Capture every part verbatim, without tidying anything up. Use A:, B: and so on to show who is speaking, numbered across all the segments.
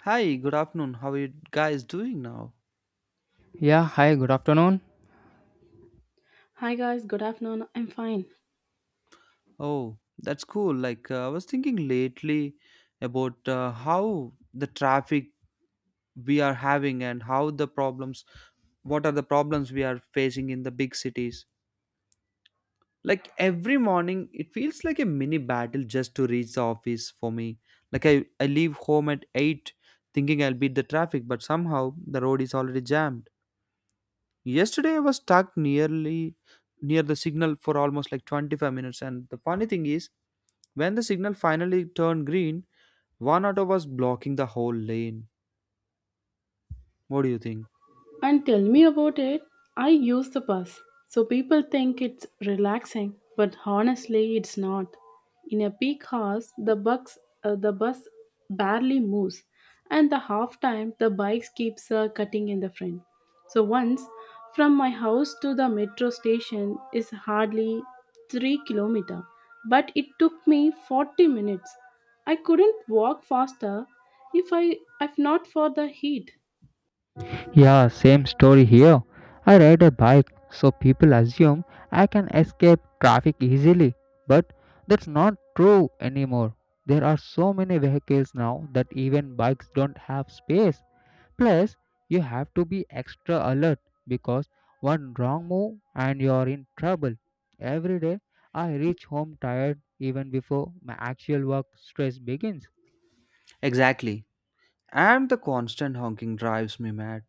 A: Hi, good afternoon. How are you guys doing now?
B: Yeah, hi, good afternoon.
C: Hi guys, good afternoon. I'm fine.
A: Oh, that's cool. Like, uh, I was thinking lately about uh, how the traffic we are having and how the problems, what are the problems we are facing in the big cities. Like, every morning, it feels like a mini battle just to reach the office for me. Like, I, I leave home at eight thinking I'll beat the traffic, but somehow the road is already jammed. Yesterday I was stuck nearly near the signal for almost like twenty-five minutes. And the funny thing is, when the signal finally turned green, one auto was blocking the whole lane. What do you think?
C: And tell me about it. I use the bus. So people think it's relaxing, but honestly, it's not. In a peak hours, the bus, uh, the bus barely moves, and the half time the bikes keeps uh, cutting in the front. So once from my house to the metro station is hardly three kilometer, but it took me forty minutes. I couldn't walk faster if I if not for the heat.
B: Yeah, same story here. I ride a bike, so people assume I can escape traffic easily. But that's not true anymore. There are so many vehicles now that even bikes don't have space. Plus, you have to be extra alert because one wrong move and you're in trouble. Every day, I reach home tired even before my actual work stress begins.
A: Exactly. And the constant honking drives me mad.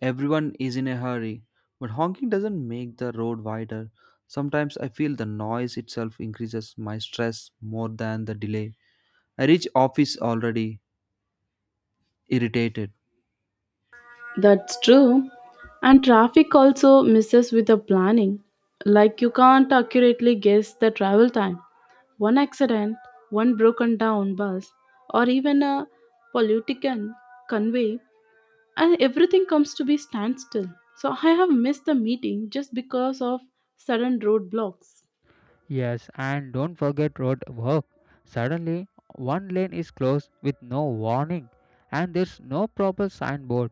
A: Everyone is in a hurry, but honking doesn't make the road wider. Sometimes I feel the noise itself increases my stress more than the delay. I reach office already irritated.
C: That's true. And traffic also misses with the planning. Like you can't accurately guess the travel time. One accident, one broken down bus, or even a politician convey, and everything comes to be standstill. So I have missed the meeting just because of sudden roadblocks.
B: Yes, and don't forget road work. Suddenly, one lane is closed with no warning, and there's no proper signboard.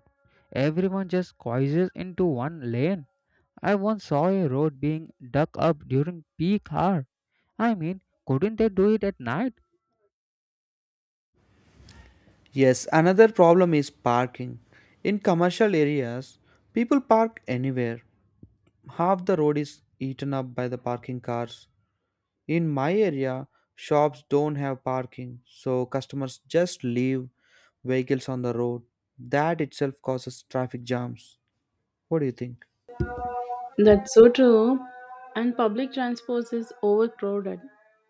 B: Everyone just squeezes into one lane. I once saw a road being dug up during peak hour. I mean, couldn't they do it at night?
A: Yes, another problem is parking. In commercial areas, people park anywhere. Half the road is eaten up by the parking cars. In my area, shops don't have parking, so customers just leave vehicles on the road. That itself causes traffic jams. What do you think?
C: That's so true. And public transport is overcrowded.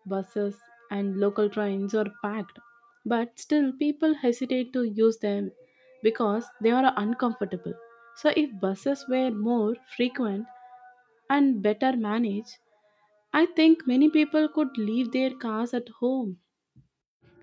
C: Buses and local trains are packed. But still, people hesitate to use them because they are uncomfortable. So, if buses were more frequent and better managed, I think many people could leave their cars at home.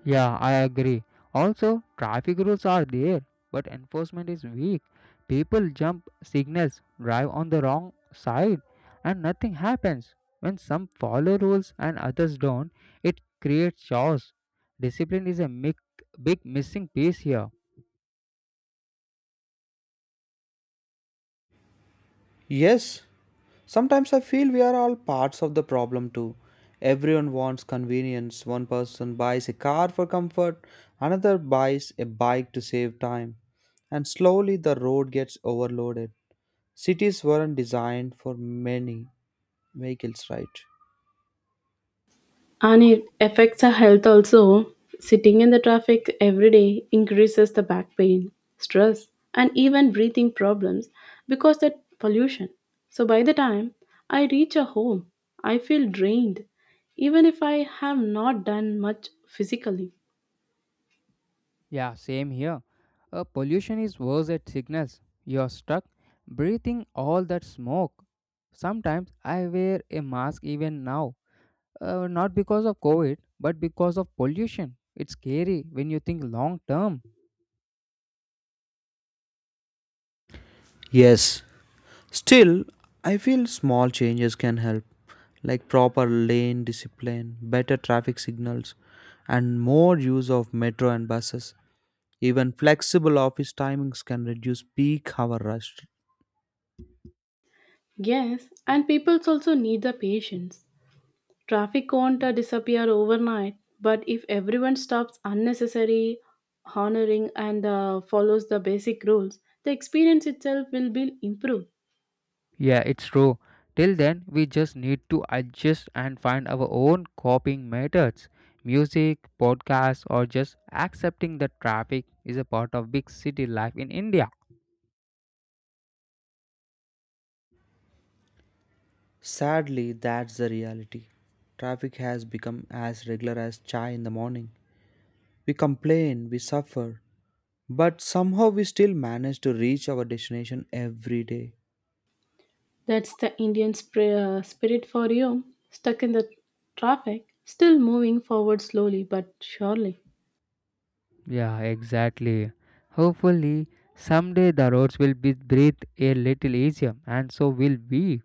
B: Yeah, I agree. Also, traffic rules are there, but enforcement is weak. People jump signals, drive on the wrong side, and nothing happens. When some follow rules and others don't, it creates chaos. Discipline is a mic- big missing piece here.
A: Yes, sometimes I feel we are all parts of the problem too. Everyone wants convenience. One person buys a car for comfort, another buys a bike to save time, and slowly the road gets overloaded. Cities weren't designed for many vehicles, right?
C: And it affects our health also. Sitting in the traffic every day increases the back pain, stress, and even breathing problems because that pollution. So by the time I reach a home, I feel drained, even if I have not done much physically.
B: Yeah, same here. Uh, pollution is worse at signals. You are stuck breathing all that smoke. Sometimes I wear a mask even now, Uh, not because of COVID, but because of pollution. It's scary when you think long term.
A: Yes, still, I feel small changes can help, like proper lane discipline, better traffic signals, and more use of metro and buses. Even flexible office timings can reduce peak hour rush.
C: Yes, and people also need the patience. Traffic won't uh, disappear overnight, but if everyone stops unnecessary honoring and uh, follows the basic rules, the experience itself will be improved.
B: Yeah, it's true. Till then, we just need to adjust and find our own coping methods. Music, podcasts, or just accepting that traffic is a part of big city life in India.
A: Sadly, that's the reality. Traffic has become as regular as chai in the morning. We complain, we suffer, but somehow we still manage to reach our destination every day.
C: That's the Indian spri- uh, spirit for you, stuck in the traffic, still moving forward slowly but surely.
B: Yeah, exactly. Hopefully, someday the roads will be breathed a little easier, and so will we.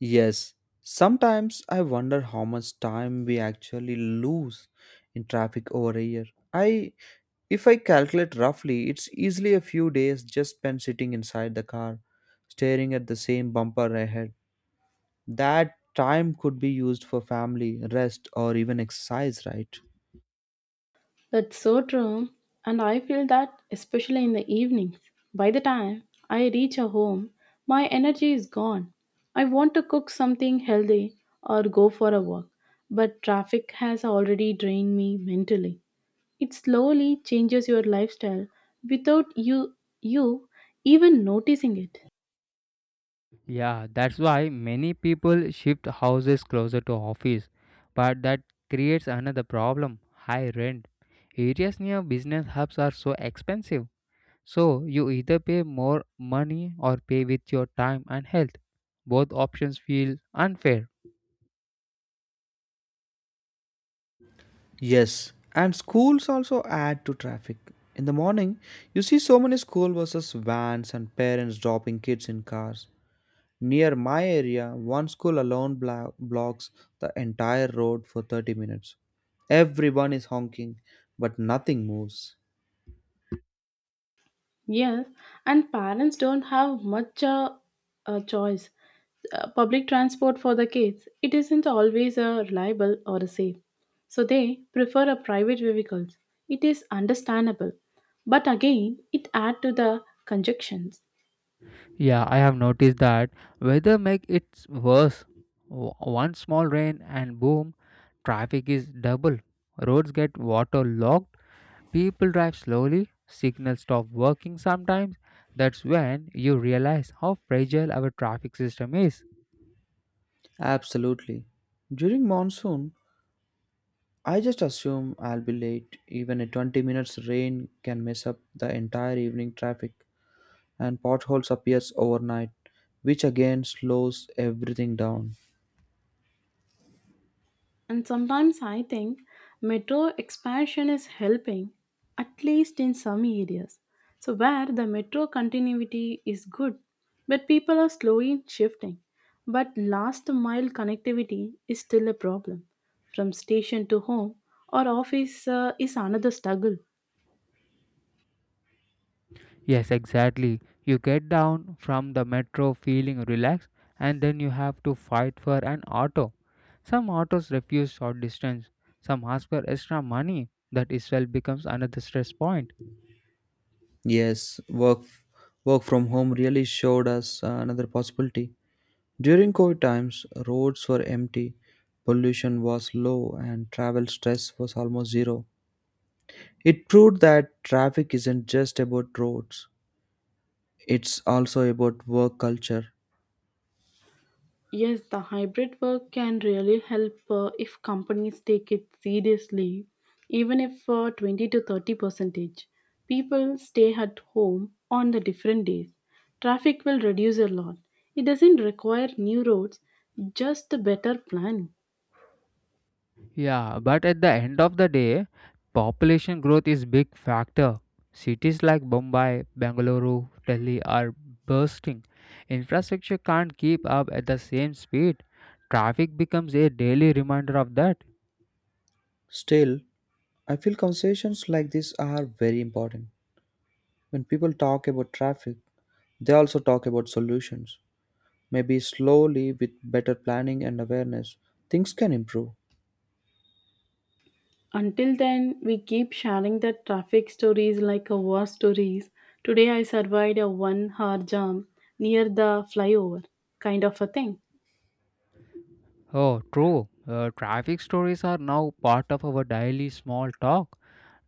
A: Yes, sometimes I wonder how much time we actually lose in traffic over a year. I, if I calculate roughly, it's easily a few days just spent sitting inside the car, staring at the same bumper ahead. That time could be used for family, rest, or even exercise, right?
C: That's so true. And I feel that especially in the evenings. By the time I reach a home, my energy is gone. I want to cook something healthy or go for a walk, but traffic has already drained me mentally. It slowly changes your lifestyle without you you even noticing it.
B: Yeah, that's why many people shift houses closer to office, but that creates another problem, high rent. Areas near business hubs are so expensive. So you either pay more money or pay with your time and health. Both options feel unfair.
A: Yes, and schools also add to traffic. In the morning, you see so many school buses, vans, and parents dropping kids in cars. Near my area, one school alone blo- blocks the entire road for thirty minutes. Everyone is honking, but nothing moves.
C: Yes, and parents don't have much uh, a choice. Uh, public transport for the kids, it isn't always uh, reliable or safe. So they prefer a private vehicles. It is understandable. But again, it adds to the conjunctions.
B: Yeah, I have noticed that weather make it worse. W- One small rain and boom, traffic is double. Roads get waterlogged. People drive slowly, signals stop working sometimes. That's when you realize how fragile our traffic system is.
A: Absolutely. During monsoon, I just assume I'll be late. Even a twenty minutes rain can mess up the entire evening traffic, and potholes appears overnight, which again slows everything down.
C: And sometimes I think metro expansion is helping, at least in some areas. So, where the metro continuity is good, but people are slowly shifting. But last mile connectivity is still a problem. From station to home or office uh, is another struggle.
B: Yes, exactly. You get down from the metro feeling relaxed, and then you have to fight for an auto. Some autos refuse short distance, some ask for extra money. That itself becomes another stress point.
A: Yes, work work from home really showed us uh, another possibility. During COVID times, roads were empty, pollution was low, and travel stress was almost zero. It proved that traffic isn't just about roads. It's also about work culture.
C: Yes, the hybrid work can really help uh, if companies take it seriously, even if uh, twenty to thirty percentage. People stay at home on the different days. Traffic will reduce a lot. It doesn't require new roads, just a better plan.
B: Yeah, but at the end of the day, population growth is big factor. Cities like Bombay, Bengaluru, Delhi are bursting. Infrastructure can't keep up at the same speed. Traffic becomes a daily reminder of that.
A: Still, I feel conversations like this are very important. When people talk about traffic, they also talk about solutions. Maybe slowly, with better planning and awareness, things can improve.
C: Until then, we keep sharing the traffic stories like a war stories. Today I survived a one hour jam near the flyover kind of a thing.
B: Oh, true. Uh, traffic stories are now part of our daily small talk.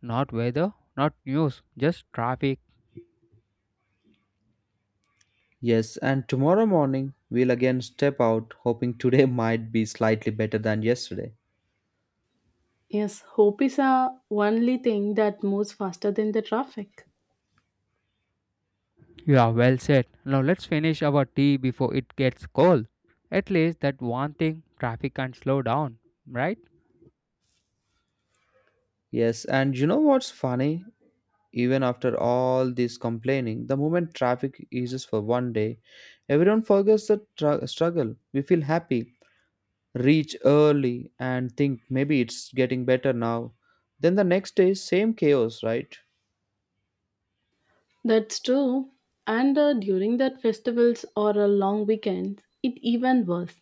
B: Not weather, not news, just traffic.
A: Yes, and tomorrow morning, we'll again step out, hoping today might be slightly better than yesterday.
C: Yes, hope is a only thing that moves faster than the traffic.
B: Yeah, well said. Now let's finish our tea before it gets cold. At least that one thing traffic can slow down, right?
A: Yes, and you know what's funny? Even after all this complaining, the moment traffic eases for one day, everyone forgets the tru- struggle. We feel happy, reach early, and think maybe it's getting better now. Then the next day, same chaos, right?
C: That's true. And uh, during that festivals or a long weekend, it even worse.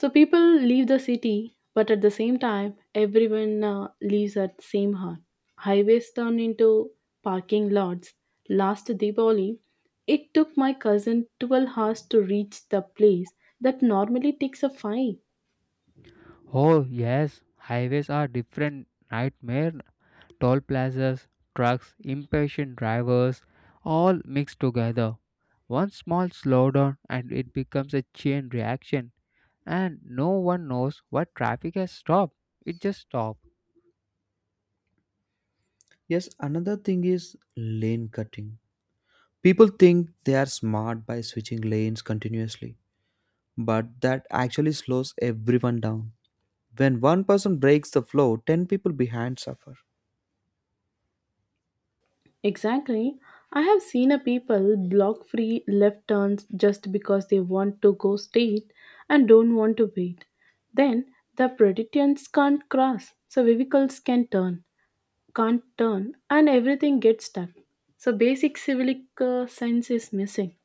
C: So people leave the city, but at the same time, everyone uh, leaves at same hour. Highways turn into parking lots. Last Diwali, it took my cousin twelve hours to reach the place that normally takes a five.
B: Oh, yes. Highways are different nightmare. Toll plazas, trucks, impatient drivers, all mixed together. One small slowdown and it becomes a chain reaction. And no one knows what traffic has stopped. It just stopped.
A: Yes, another thing is lane cutting. People think they are smart by switching lanes continuously, but that actually slows everyone down. When one person breaks the flow, ten people behind suffer.
C: Exactly. I have seen a people block free left turns just because they want to go straight and don't want to wait. Then the pedestrians can't cross, so vehicles can turn, can't turn, and everything gets stuck. So basic civic uh, sense is missing.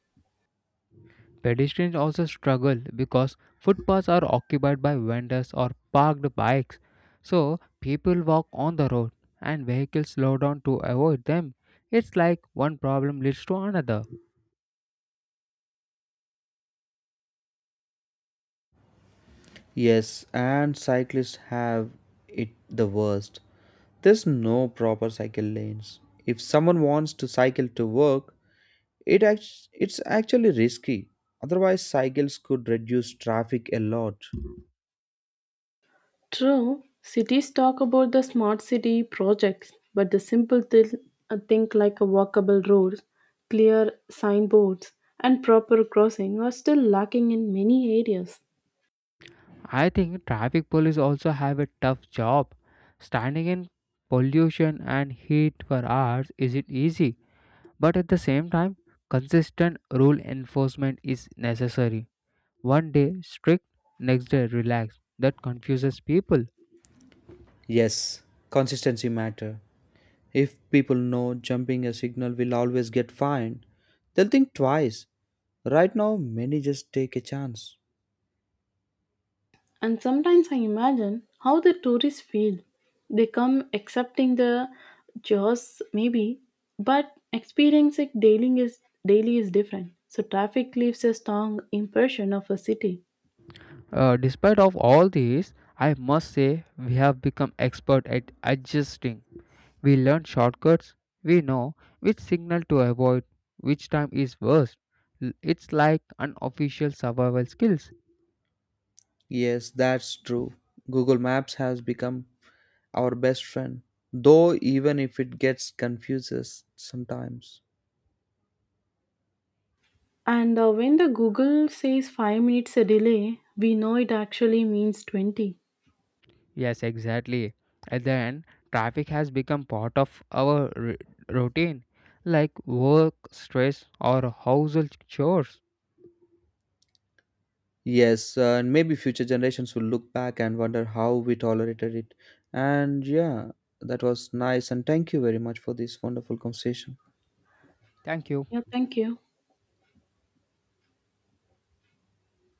B: Pedestrians also struggle because footpaths are occupied by vendors or parked bikes. So people walk on the road and vehicles slow down to avoid them. It's like one problem leads to another.
A: Yes, and cyclists have it the worst. There's no proper cycle lanes. If someone wants to cycle to work, It act- it's actually risky. Otherwise, cycles could reduce traffic a lot.
C: True, cities talk about the smart city projects, but the simple th- think like a walkable roads, clear signboards, and proper crossing are still lacking in many areas.
B: I think traffic police also have a tough job. Standing in pollution and heat for hours isn't easy, but at the same time, consistent rule enforcement is necessary. One day strict, next day relaxed. That confuses people.
A: Yes, consistency matter. If people know jumping a signal will always get fined, they'll think twice. Right now, many just take a chance.
C: And sometimes I imagine how the tourists feel. They come accepting the jaws maybe, but experiencing daily is daily is different. So traffic leaves a strong impression of a city.
B: Uh, despite of all these, I must say we have become expert at adjusting. We learn shortcuts, we know which signal to avoid, which time is worst. L- It's like unofficial survival skills.
A: Yes, that's true. Google Maps has become our best friend, though even if it gets confuses sometimes.
C: And uh, when the Google says five minutes a delay, we know it actually means twenty.
B: Yes, exactly. And then traffic has become part of our r- routine, like work, stress, or household chores.
A: Yes, uh, and maybe future generations will look back and wonder how we tolerated it. And yeah, that was nice. And thank you very much for this wonderful conversation.
B: Thank you.
C: Yeah, thank you.